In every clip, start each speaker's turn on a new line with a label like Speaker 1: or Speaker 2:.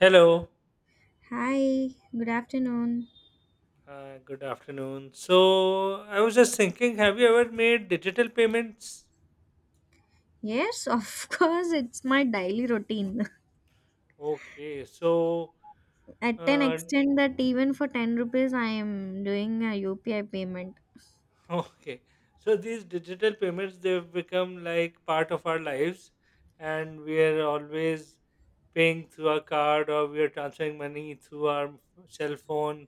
Speaker 1: Hello,
Speaker 2: Hi, good afternoon.
Speaker 1: good afternoon. So, I was just thinking, have you ever made digital payments?
Speaker 2: Yes, of course, it's my daily routine.
Speaker 1: Okay,
Speaker 2: At an
Speaker 1: uh,
Speaker 2: extent that even for 10 rupees, I am doing a UPI payment.
Speaker 1: okay, so these digital payments they've become like part of our lives, and we are always paying through our card or we are transferring money through our cell phone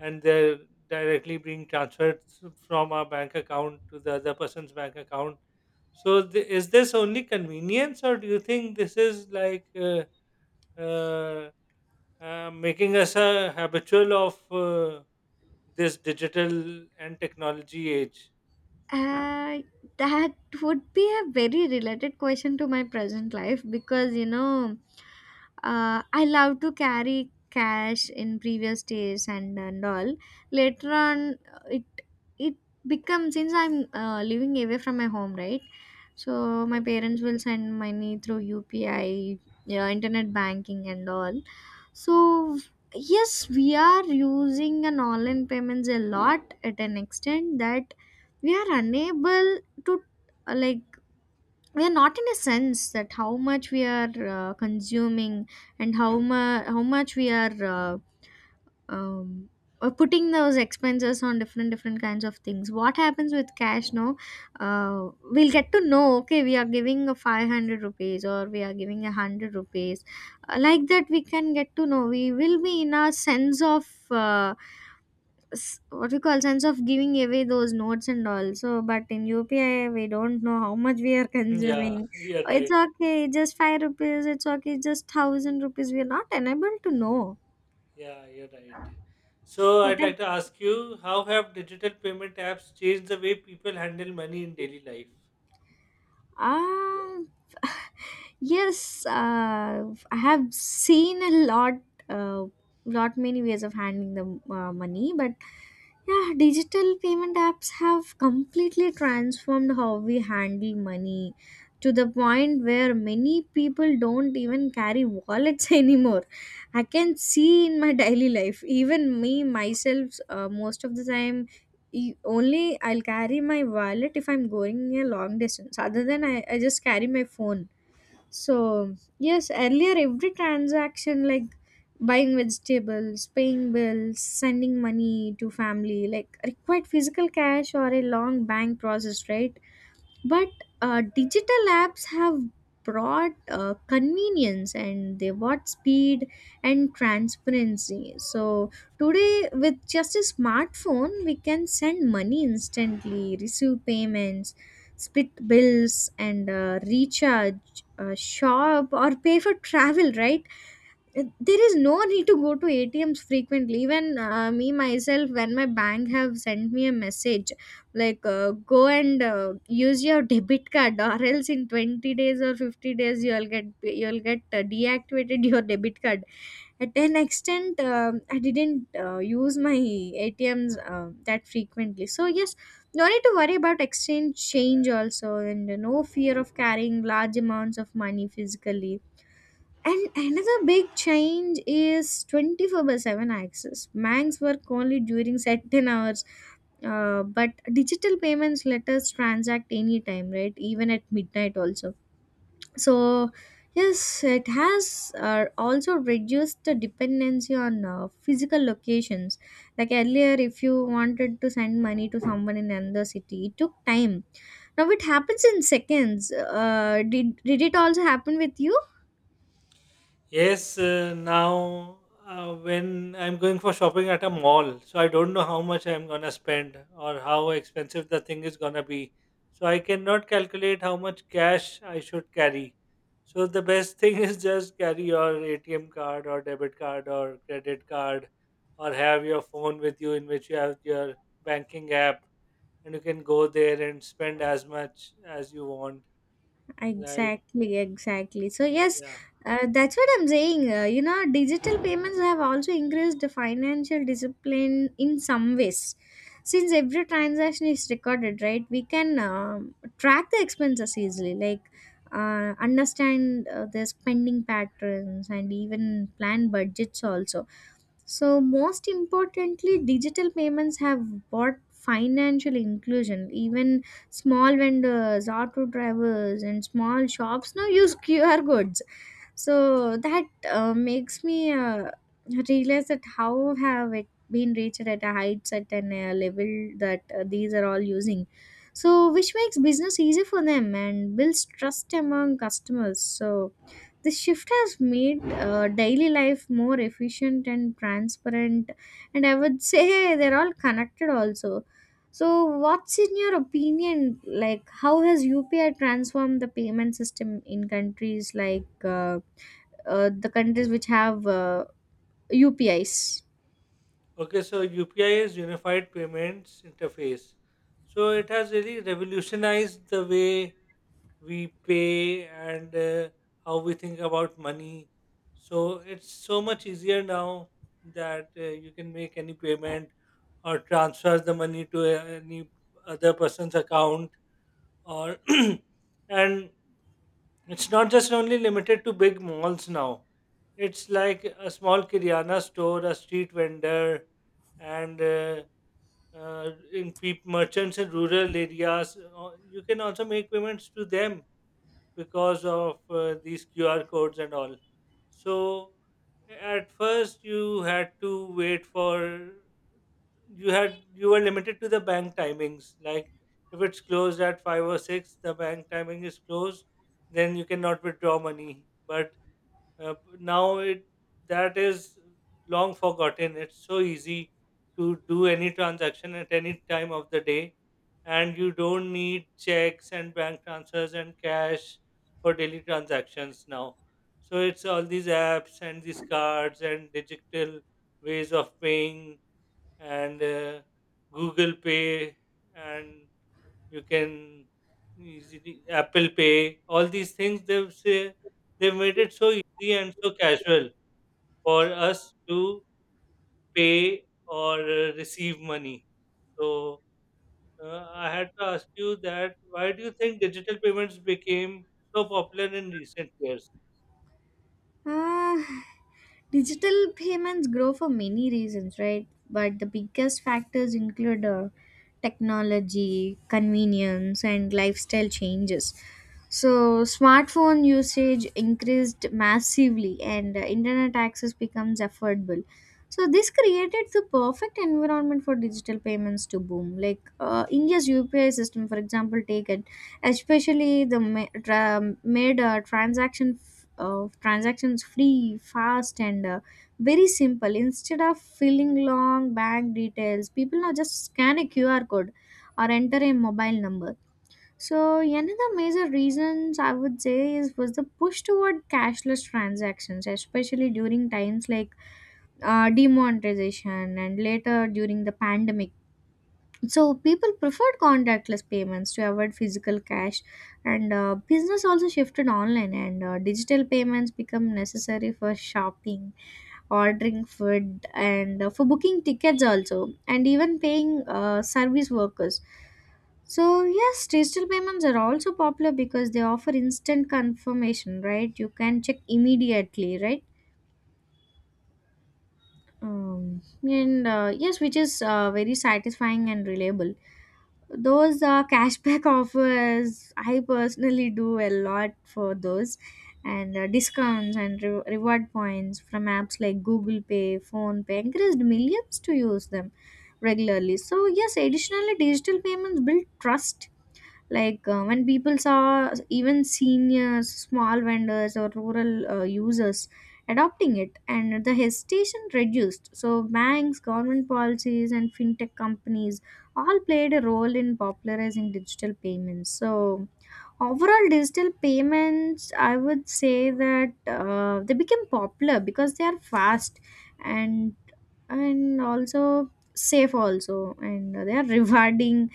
Speaker 1: and they're directly being transferred from our bank account to the other person's bank account. So, is this only convenience, or do you think this is like uh, making us a habitual of this digital and technology age?
Speaker 2: Uh, that would be a very related question to my present life because you know, I love to carry cash in previous days and all. Later on, it becomes since I'm living away from my home, right? So my
Speaker 1: Okay.
Speaker 2: parents will send money through UPI, yeah, internet banking, and all. So yes, we are using an online payments a lot at an extent that we are unable to uh, like we are not in a sense that how much we are consuming and how much we are um, putting those expenses on different different kinds of things what happens with cash no we'll get to know, okay, we are giving a 500 rupees or we are giving a 100 rupees. Like that we can get to know we will be in a sense of uh, what do you call sense of giving away those notes and all. So but in UPI we don't know how much we are
Speaker 1: Yeah,
Speaker 2: consuming.
Speaker 1: you're right.
Speaker 2: It's okay, just five rupees. It's okay, just thousand rupees. We are not unable to know
Speaker 1: Yeah, you're right. So
Speaker 2: what
Speaker 1: I'd like to ask you, how have digital payment apps changed the way people handle money in daily life?
Speaker 2: ah Yes, I have seen a lot, uh, lot many ways of handling the money, but yeah, digital payment apps have completely transformed how we handle money to the point where many people don't even carry wallets anymore. I can see in my daily life, even me myself, most of the time. Only I'll carry my wallet if I'm going a long distance. Other than I just carry my phone. So, yes, earlier every transaction like buying vegetables, paying bills, sending money to family like required physical cash or a long bank process, right? But digital apps have brought convenience and they brought speed and transparency. So today with just a smartphone we can send money instantly, receive payments, split bills, and recharge, shop, or pay for travel, right? There is no need to go to ATMs frequently. Even me myself, when my bank have sent me a message like go and use your debit card or else in 20 days or 50 days you'll get deactivated your debit card. At an extent I didn't use my ATMs that frequently. So yes, no need to worry about exchange change also and no fear of carrying large amounts of money physically. And another big change is 24 by 7 access. Banks work only during certain hours, but digital payments let us transact anytime, right? Even at midnight also. So, yes, it has also reduced the dependency on physical locations. Like earlier, if you wanted to send money to someone in another city, it took time. Now it happens in seconds. Did it also happen with you?
Speaker 1: Yes, now when I'm going for shopping at a mall, so I don't know how much I'm gonna spend or how expensive the thing is gonna be. So I cannot calculate how much cash I should carry. So the best thing is just carry your ATM card or debit card or credit card or have your phone with you in which you have your banking app and you can go there and spend as much as you want. Like,
Speaker 2: Exactly, exactly. So yes,
Speaker 1: yeah.
Speaker 2: that's what I'm saying. You know, digital payments have also increased the financial discipline in some ways. Since every transaction is recorded, right, we can track the expenses easily, like understand the spending patterns and even plan budgets also. So, most importantly, digital payments have brought financial inclusion. Even small vendors, auto drivers, and small shops now use QR codes. So that makes me realize that how have it been reached at a heights at an level that these are all using. So which makes business easy for them and builds trust among customers. So the shift has made daily life more efficient and transparent, and I would say they're all connected also. So what's in your opinion, like how has UPI transformed the payment system in countries like the countries which have UPIs?
Speaker 1: Okay, so UPI is Unified Payments Interface. So it has really revolutionized the way we pay and how we think about money. So it's so much easier now that you can make any payment or transfer the money to any other person's account or and it's not just only limited to big malls now. It's like a small Kiryana store, a street vendor, and in peop merchants in rural areas. You can also make payments to them because of these QR codes and all. So at first you had to wait for you were limited to the bank timings. Like if it's closed at five or six, the bank timing is closed, then you cannot withdraw money. But now it that is long forgotten. It's so easy to do any transaction at any time of the day, and you don't need checks and bank transfers and cash for daily transactions now. So it's all these apps and these cards and digital ways of paying and Google Pay and you can easily Apple Pay, all these things they've made it so easy and so casual for us to pay or receive money. So I had to ask you that why do you think digital payments became so popular in recent years?
Speaker 2: Uh, Digital payments grow for many reasons, right? But the biggest factors include technology, convenience, and lifestyle changes. So, smartphone usage increased massively, and internet access becomes affordable. So, this created the perfect environment for digital payments to boom. Like India's UPI system, for example, take it, especially made transactions free, fast, and very simple. Instead of filling long bank details, people now just scan a QR code or enter a mobile number. So another major reasons I would say is was the push toward cashless transactions, especially during times like demonetization and later during the pandemic. So people preferred contactless payments to avoid physical cash, and business also shifted online, and digital payments become necessary for shopping, ordering food, and for booking tickets also, and even paying service workers. So yes, digital payments are also popular because they offer instant confirmation, right? You can check immediately, right? And Yes, which is very satisfying and reliable. Those cashback offers I personally do a lot for those, and discounts and reward points from apps like Google Pay, phone pay encouraged millions to use them regularly. So yes, additionally, digital payments build trust. Like when people saw even seniors, small vendors, or rural users adopting it, and the hesitation reduced. So banks, government policies, and fintech companies all played a role in popularizing digital payments. So overall, digital payments, I would say that they became popular because they are fast and and also safe also, and they are rewarding.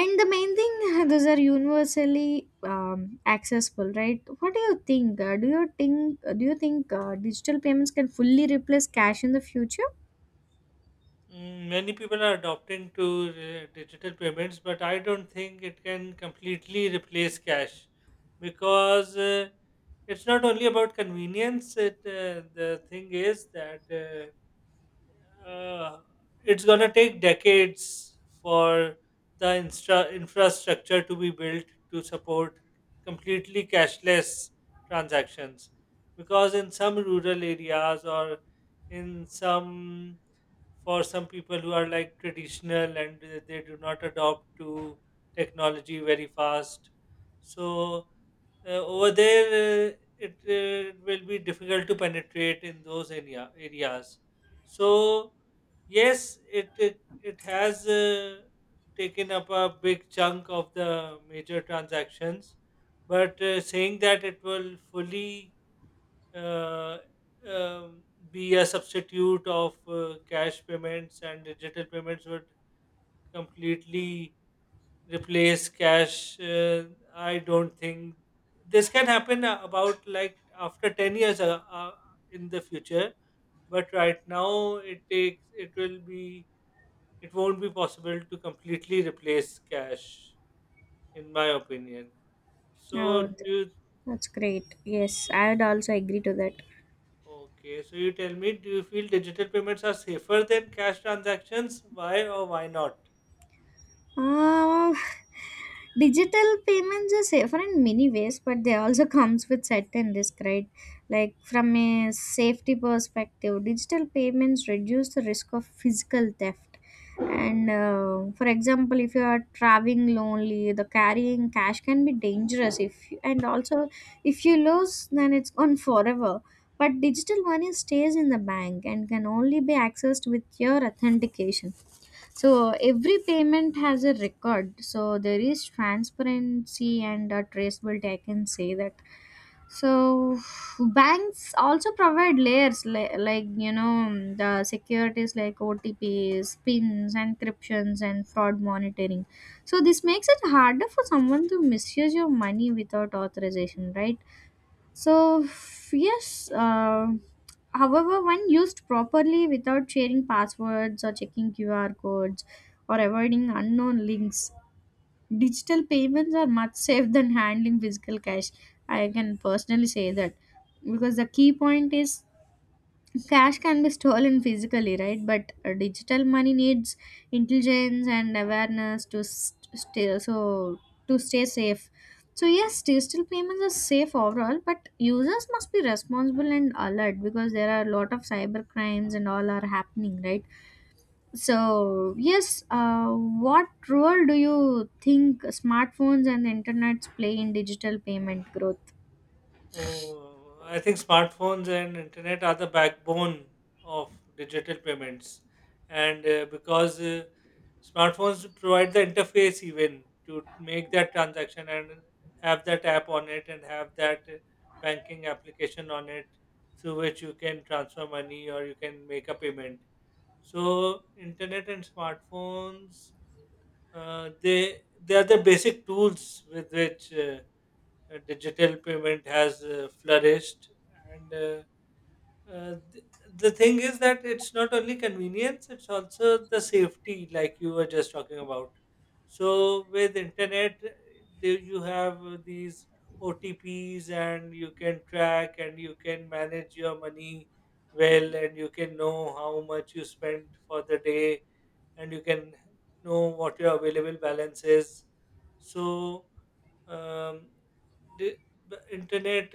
Speaker 2: And the main thing, those are universally accessible, right? What do you think, do you think do you think digital payments can fully replace cash in the future?
Speaker 1: Mm, many people are adopting to digital payments, but I don't think it can completely replace cash because it's not only about convenience. The thing is that uh, it's going to take decades for the infrastructure to be built to support completely cashless transactions, because in some rural areas or in some, for some people who are like traditional and they do not adopt to technology very fast. So over there, it will be difficult to penetrate in those areas. So yes, it it, it has taken up a big chunk of the major transactions, but saying that it will fully uh, um, be a substitute of cash payments, and digital payments would completely replace cash, I don't think this can happen about like after 10 years in the future. But right now it takes it will be, it won't be possible to completely replace cash in my opinion. So
Speaker 2: oh,
Speaker 1: do
Speaker 2: th-
Speaker 1: you.
Speaker 2: that's great. Yes, I would also agree to that.
Speaker 1: Okay, so you tell me, do you feel digital payments are safer than cash transactions? Why or why not?
Speaker 2: Uh, Digital payments are safer in many ways, but they also comes with certain risk, right? Like from a safety perspective, digital payments reduce the risk of physical theft. And for example, if you are traveling lonely, the carrying cash can be dangerous. If and also if you lose, then it's gone forever. But digital money stays in the bank and can only be accessed with your authentication, so every payment has a record. So there is transparency and a traceability, I can say that. So banks also provide layers like you know, the securities like OTPs, pins, encryptions, and fraud monitoring. So this makes it harder for someone to misuse your money without authorization, right? So, yes, however, when used properly without sharing passwords or checking QR codes or avoiding unknown links, digital payments are much safe than handling physical cash. I can personally say that, because the key point is cash can be stolen physically, right? But digital money needs intelligence and awareness to stay, so to stay safe. So yes, digital payments are safe overall, but users must be responsible and alert, because there are a lot of cyber crimes and all are happening, right? So yes, what role do you think smartphones and the internets play in digital payment growth?
Speaker 1: Oh, I think smartphones and internet are the backbone of digital payments, and because smartphones provide the interface even to make that transaction and have that app on it and have that banking application on it through which you can transfer money or you can make a payment. So, internet and smartphones uh, they they are the basic tools with which digital payment has flourished, and uh, th- the thing is that it's not only convenience, it's also the safety like you were just talking about. So with internet there you have these OTPs and you can track and you can manage your money well, and you can know how much you spent for the day, and you can know what your available balance is. So, um, the, the internet,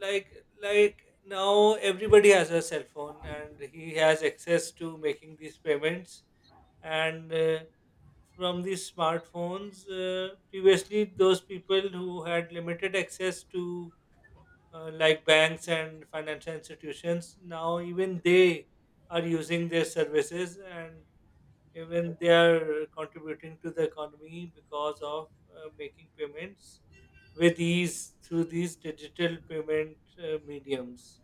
Speaker 1: like like now everybody has a cell phone and he has access to making these payments, and from these smartphones previously those people who had limited access to like banks and financial institutions, now even they are using their services, and even they are contributing to the economy because of making payments with ease through these digital payment mediums.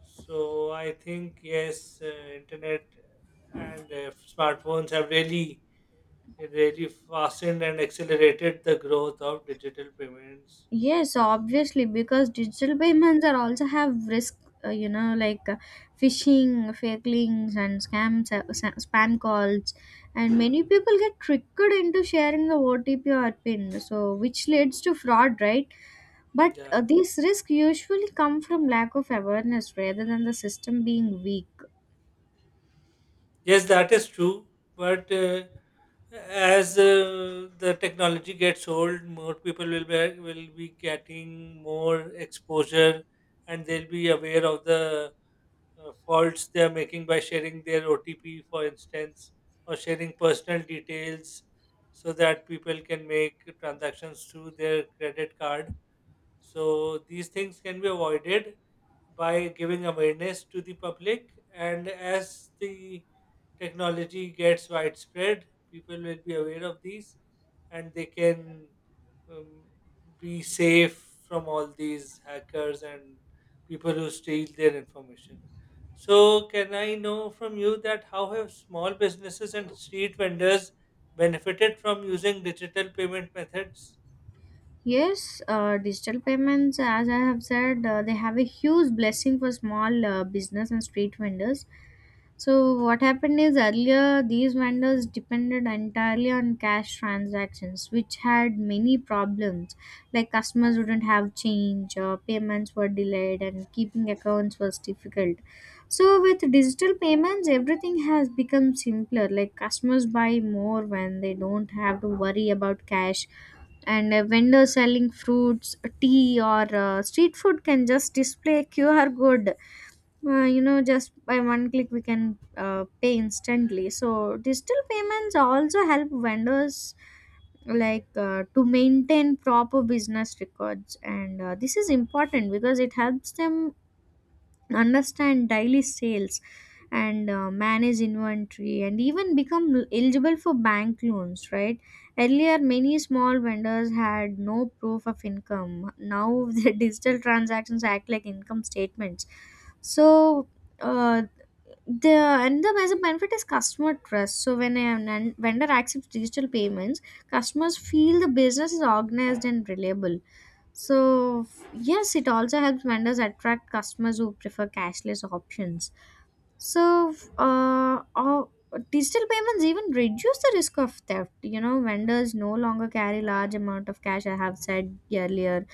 Speaker 1: So I think yes, internet and smartphones have really fastened and accelerated the growth of digital payments.
Speaker 2: Yes, obviously, because digital payments are also have risk, you know, like phishing, fake links, and scams, spam calls, and many people get tricked into sharing the OTP or PIN, so which leads to fraud, right? But
Speaker 1: Yeah.
Speaker 2: these risks usually come from lack of awareness rather than the system being weak.
Speaker 1: Yes, that is true. But as the technology gets old, more people will be getting more exposure, and they'll be aware of the faults they are making by sharing their OTP, for instance, or sharing personal details, so that people can make transactions through their credit card. So these things can be avoided by giving awareness to the public, and as the technology gets widespread, people will be aware of these, and they can um, be safe from all these hackers and people who steal their information. So, can I know from you that how have small businesses and street vendors benefited from using digital payment methods?
Speaker 2: Yes, digital payments, as I have said, they have a huge blessing for small business and street vendors. So what happened is earlier these vendors depended entirely on cash transactions, which had many problems. Like customers wouldn't have change, or payments were delayed, and keeping accounts was difficult. So with digital payments, everything has become simpler. Like customers buy more when they don't have to worry about cash, and a vendor selling fruits, tea, or street food can just display a QR code. You know, just by one click we can pay instantly. So digital payments also help vendors like to maintain proper business records, and this is important because it helps them understand daily sales and manage inventory and even become eligible for bank loans, right? Earlier many small vendors had no proof of income. Now the digital transactions act like income statements. So uh, the and the as benefit is customer trust. So when a vendor accepts digital payments, customers feel the business is organized and reliable. So, yes, it also helps vendors attract customers who prefer cashless options. So, digital payments even reduce the risk of theft. You know, vendors no longer carry large amount of cash, I have said earlier,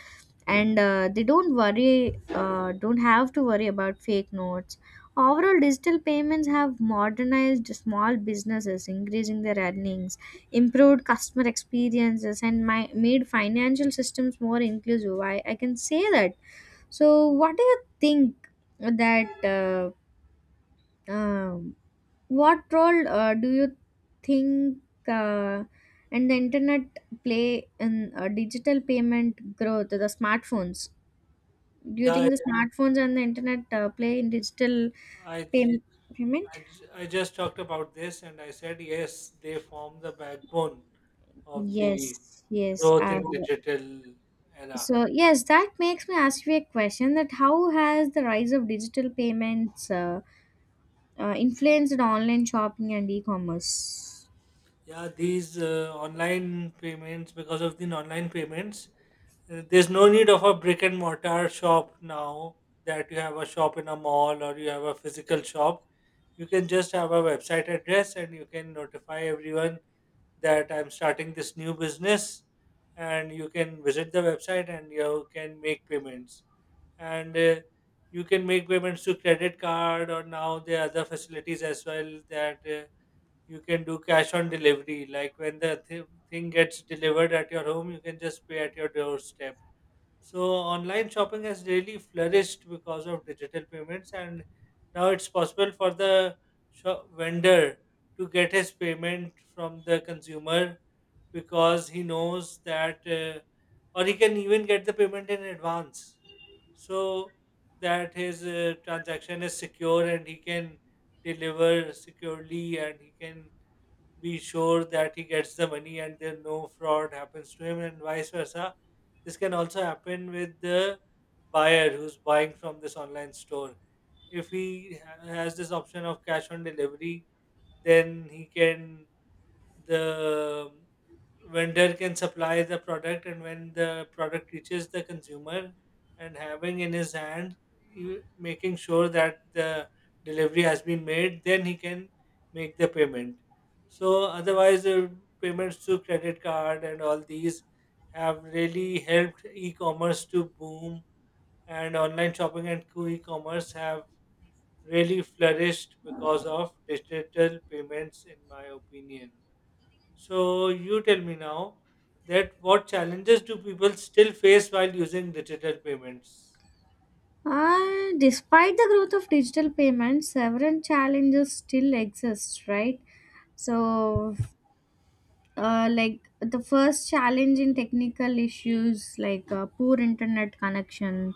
Speaker 2: and they don't worry don't have to worry about fake notes. Overall, digital payments have modernized small businesses, increasing their earnings, improved customer experiences, and made financial systems more inclusive, I can say that. So what do you think that um what role do you think, uh, and the internet play in digital payment growth, the smartphones? Do you
Speaker 1: Yeah,
Speaker 2: think the smartphones and the internet play in
Speaker 1: I
Speaker 2: pay- payment?
Speaker 1: I just talked about this and I said, yes, they form the backbone of the
Speaker 2: Yes, yes.
Speaker 1: growth
Speaker 2: Uh,
Speaker 1: in digital era.
Speaker 2: so yes, that makes me ask you a question: that how has the rise of digital payments influenced online shopping and e-commerce?
Speaker 1: Yeah, these online payments, because of the online payments, there's no need of a brick and mortar shop now, that you have a shop in a mall or you have a physical shop. You can just have a website address and you can notify everyone that I'm starting this new business, and you can visit the website and you can make payments. And you can make payments to credit card, or now there are other facilities as well, that you can do cash on delivery. Like when the thing gets delivered at your home, you can just pay at your doorstep. So online shopping has really flourished because of digital payments, and now it's possible for the shop vendor to get his payment from the consumer because he knows that, or he can even get the payment in advance, so that his transaction is secure and he can deliver securely, and he can be sure that he gets the money and there no fraud happens to him, and vice versa. This can also happen with the buyer who's buying from this online store. If he has this option of cash on delivery, then he can the vendor can supply the product, and when the product reaches the consumer and having in his hand, making sure that the delivery has been made, then he can make the payment. So otherwise the payments through credit card and all these have really helped e-commerce to boom, and online shopping and e-commerce have really flourished because of digital payments in my opinion. So you tell me now, that what challenges do people still face while using digital payments?
Speaker 2: Despite the growth of digital payments, several challenges still exist, right? So, like the first challenge in technical issues, like poor internet connection,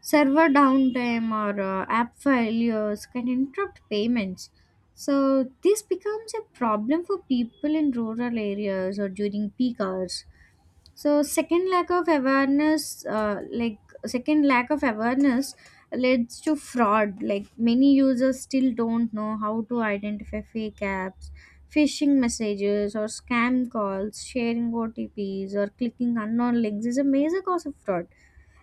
Speaker 2: server downtime, or app failures can interrupt payments. So this becomes a problem for people in rural areas or during peak hours. So, second, lack of awareness, second lack of awareness leads to fraud. Like, many users still don't know how to identify fake apps, phishing messages, or scam calls. Sharing otps or clicking unknown links is a major cause of fraud.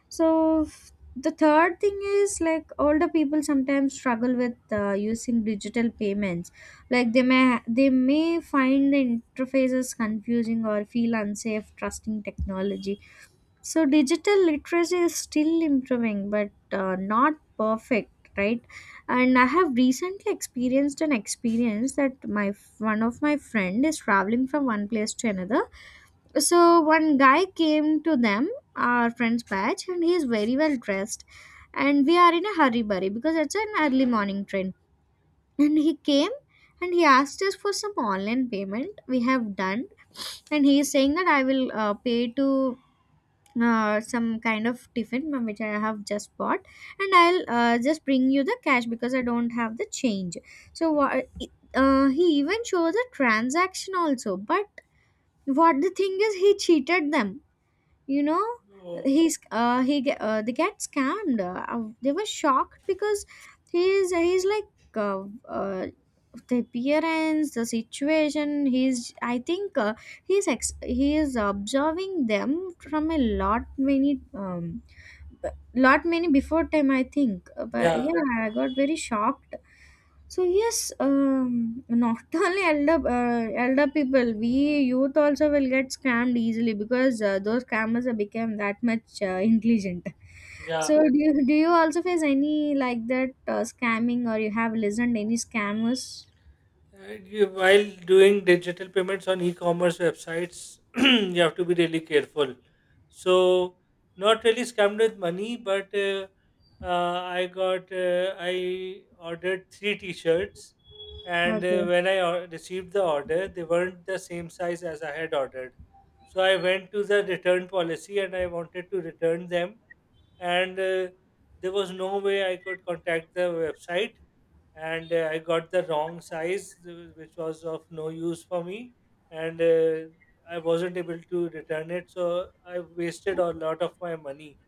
Speaker 2: So the third thing is, like, older people sometimes struggle with using digital payments. Like, they may find the interfaces confusing or feel unsafe trusting technology. So digital literacy is still improving, but not perfect, right? And I have recently experienced an experience that my one of my friend is traveling from one place to another. So one guy came to them, our friend's batch, and he's very well dressed, and we are in a hurry burry because it's an early morning train. And he came and he asked us for some online payment we have done, and he is saying that I will pay to some kind of tiffin ma'am, which I have just bought, and I'll just bring you the cash because I don't have the change. So what, he even shows a transaction also. But what the thing is, he cheated them, you know.
Speaker 1: Oh,
Speaker 2: They get scammed. Uh, they were shocked because he's like, uh, uh, the appearance, the situation, he's, I think, he is observing them from a lot many, lot many before time, I think. But
Speaker 1: yeah,
Speaker 2: yeah, I got very shocked. So yes, um, not only elder, elder people, we youth also will get scammed easily because those scammers have become that much intelligent. So
Speaker 1: yeah.
Speaker 2: do you also face any like that scamming, or you have listened any scammers?
Speaker 1: And you, while doing digital payments on e-commerce websites, you have to be really careful. So, not really scammed with money, but I got I ordered three T-shirts, and
Speaker 2: Okay.
Speaker 1: when I received the order, they weren't the same size as I had ordered. So I went to the return policy, and I wanted to return them, and there was no way I could contact the website, and I got the wrong size, which was of no use for me, and I wasn't able to return it. So I wasted a lot of my money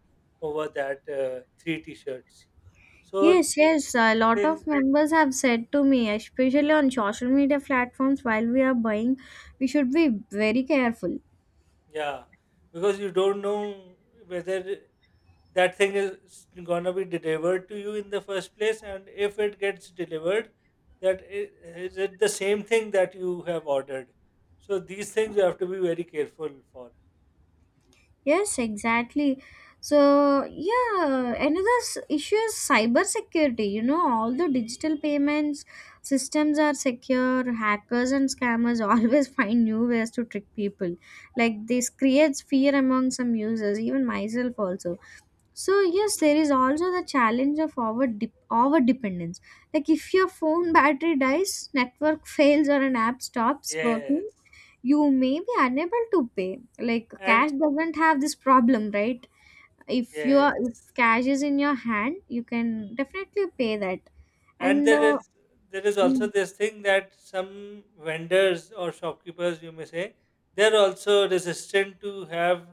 Speaker 1: over that three t-shirts. So
Speaker 2: Yes, yes, a lot
Speaker 1: things,
Speaker 2: of members have said to me, especially on social media platforms while we are buying, we should be very careful.
Speaker 1: yeah, because you don't know whether that thing is gonna be delivered to you in the first place, and if it gets delivered, that is it the same thing that you have ordered. So these things you have to be very careful for.
Speaker 2: Yes, exactly. So, yeah, another issue is cyber security. You know, all the digital payments systems are secure, hackers and scammers always find new ways to trick people. Like, this creates fear among some users, even myself also. So yes, there is also the challenge of over dependence. Like, if your phone battery dies, network fails, or an app stops working,
Speaker 1: Yes,
Speaker 2: you may be unable to pay. Like,
Speaker 1: and
Speaker 2: cash doesn't have this problem, right? If you are
Speaker 1: yes,
Speaker 2: if cash is in your hand, you can definitely pay that.
Speaker 1: and
Speaker 2: And
Speaker 1: there is, there is also
Speaker 2: mm.
Speaker 1: this thing that some vendors or shopkeepers, you may say, they're also resistant to have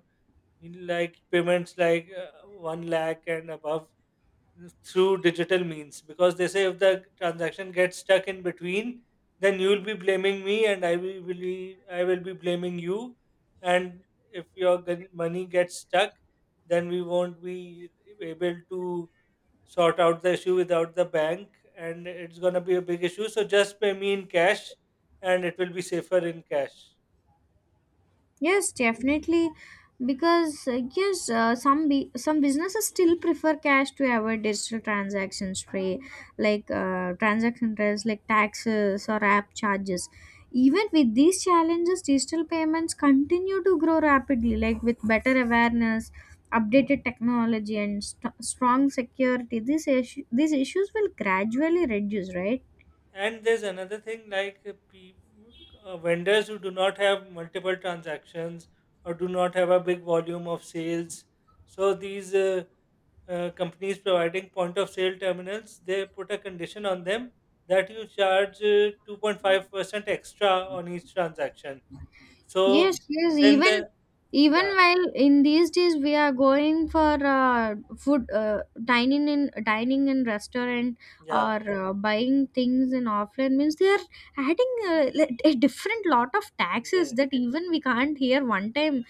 Speaker 1: like payments like one lakh and above through digital means, because they say if the transaction gets stuck in between, then you will be blaming me and I will be blaming you, and if your money gets stuck, then we won't be able to sort out the issue without the bank, and it's going to be a big issue, so just pay me in cash and it will be safer in cash.
Speaker 2: Yes, definitely. Because yes, some some businesses still prefer cash to avoid digital transactions fee, like transaction rates, like taxes or app charges. Even with these challenges, digital payments continue to grow rapidly. Like, with better awareness, updated technology, and strong security, these issues will gradually reduce, right?
Speaker 1: And there's another thing like vendors who do not have multiple transactions or do not have a big volume of sales. So these companies providing point of sale terminals, they put a condition on them that you charge 2.5% extra on each transaction. So
Speaker 2: Yes, yes.
Speaker 1: then
Speaker 2: Even
Speaker 1: the
Speaker 2: even
Speaker 1: yeah
Speaker 2: while in these days we are going for food, dining in restaurant,
Speaker 1: yeah
Speaker 2: or buying things in offline means, they are adding a different lot of taxes
Speaker 1: yeah
Speaker 2: that even we can't hear one time.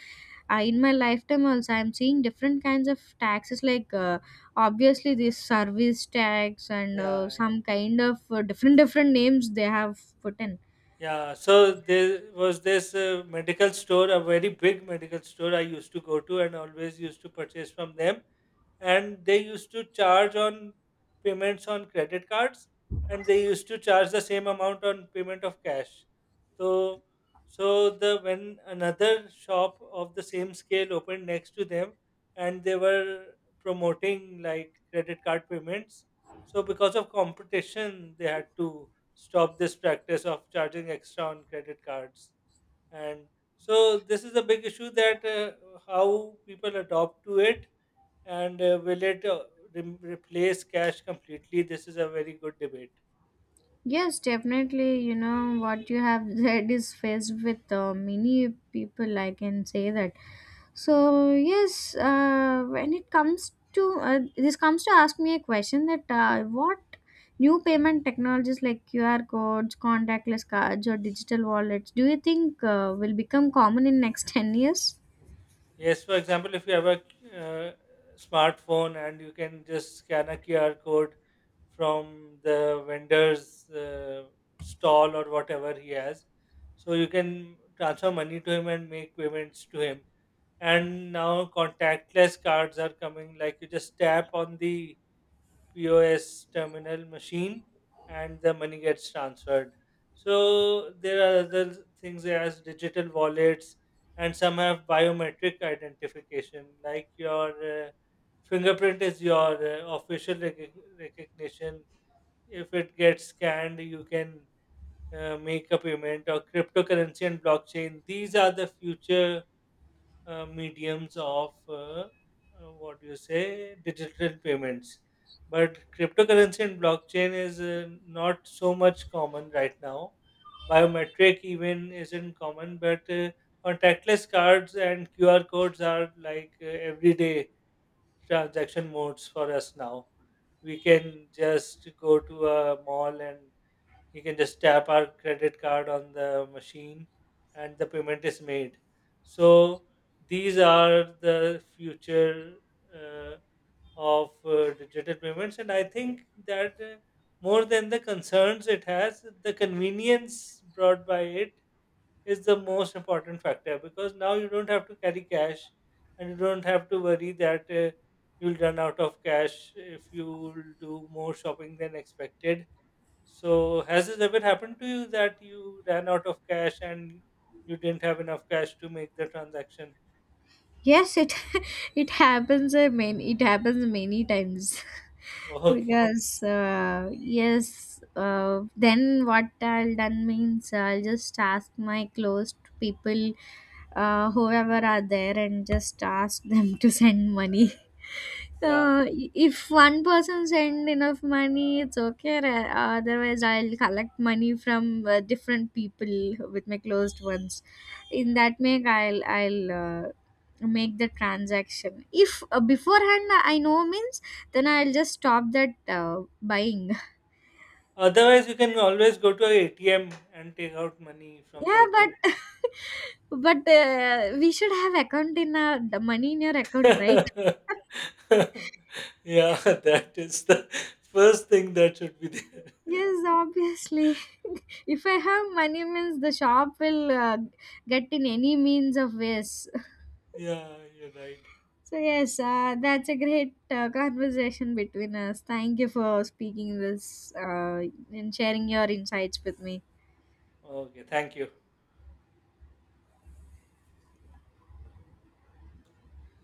Speaker 2: In my lifetime also, I'm seeing different kinds of taxes, like obviously this service tax and
Speaker 1: yeah yeah.
Speaker 2: some kind of different names they have put in.
Speaker 1: Yeah, so there was this medical store, a very big medical store I used to go to and always used to purchase from them, and they used to charge on payments on credit cards, and they used to charge the same amount on payment of cash. So, so the when another shop of the same scale opened next to them and they were promoting like credit card payments, so because of competition they had to stop this practice of charging extra on credit cards. And so this is a big issue, that how people adopt to it, and will it replace cash completely? This is a very good debate.
Speaker 2: Yes, definitely. You know, what you have said is faced with many people, I can say that. So, yes, when it comes to comes to ask me a question that what new payment technologies like QR codes, contactless cards, or digital wallets do you think will become common in next 10 years?
Speaker 1: Yes, for example, if you have a uh, smartphone and you can just scan a QR code from the vendor's stall or whatever he has, so you can transfer money to him and make payments to him. And now contactless cards are coming, like you just tap on the POS terminal machine and the money gets transferred. So there are other things as digital wallets, and some have biometric identification like your fingerprint is your official recognition. If it gets scanned, you can make a payment, or cryptocurrency and blockchain. These are the future mediums of what do you say digital payments. But cryptocurrency and blockchain is not so much common right now, biometric even isn't common, but contactless cards and QR codes are like everyday transaction modes for us now. We can just go to a mall and you can just tap our credit card on the machine and the payment is made. So these are the future uh, of digital payments, and I think that more than the concerns it has, the convenience brought by it is the most important factor, because now you don't have to carry cash and you don't have to worry that you'll run out of cash if you do more shopping than expected. So, has this ever happened to you that you ran out of cash and you didn't have enough cash to make the transaction?
Speaker 2: Yes, it it happens. I mean, it happens many times
Speaker 1: Okay.
Speaker 2: because yes. Then what I'll done means I'll just ask my close people, whoever are there, and just ask them to send money.
Speaker 1: Yeah.
Speaker 2: Uh, if one person send enough money, it's okay. Otherwise, I'll collect money from different people with my closed ones.
Speaker 1: Yeah.
Speaker 2: In that make, I'll make the transaction. If beforehand I know means, then I'll just stop that buying.
Speaker 1: Otherwise, you can always go to a ATM and take out money from the
Speaker 2: Yeah,
Speaker 1: ATM.
Speaker 2: but but we should have account in our, the money in your account, right?
Speaker 1: Yeah, that is the first thing that should be there.
Speaker 2: Yes, obviously. If I have money means, the shop will get in any means of ways.
Speaker 1: Yeah, you're right.
Speaker 2: So yes, that's a great conversation between us. Thank you for speaking this and sharing your insights with me.
Speaker 1: Okay, thank you.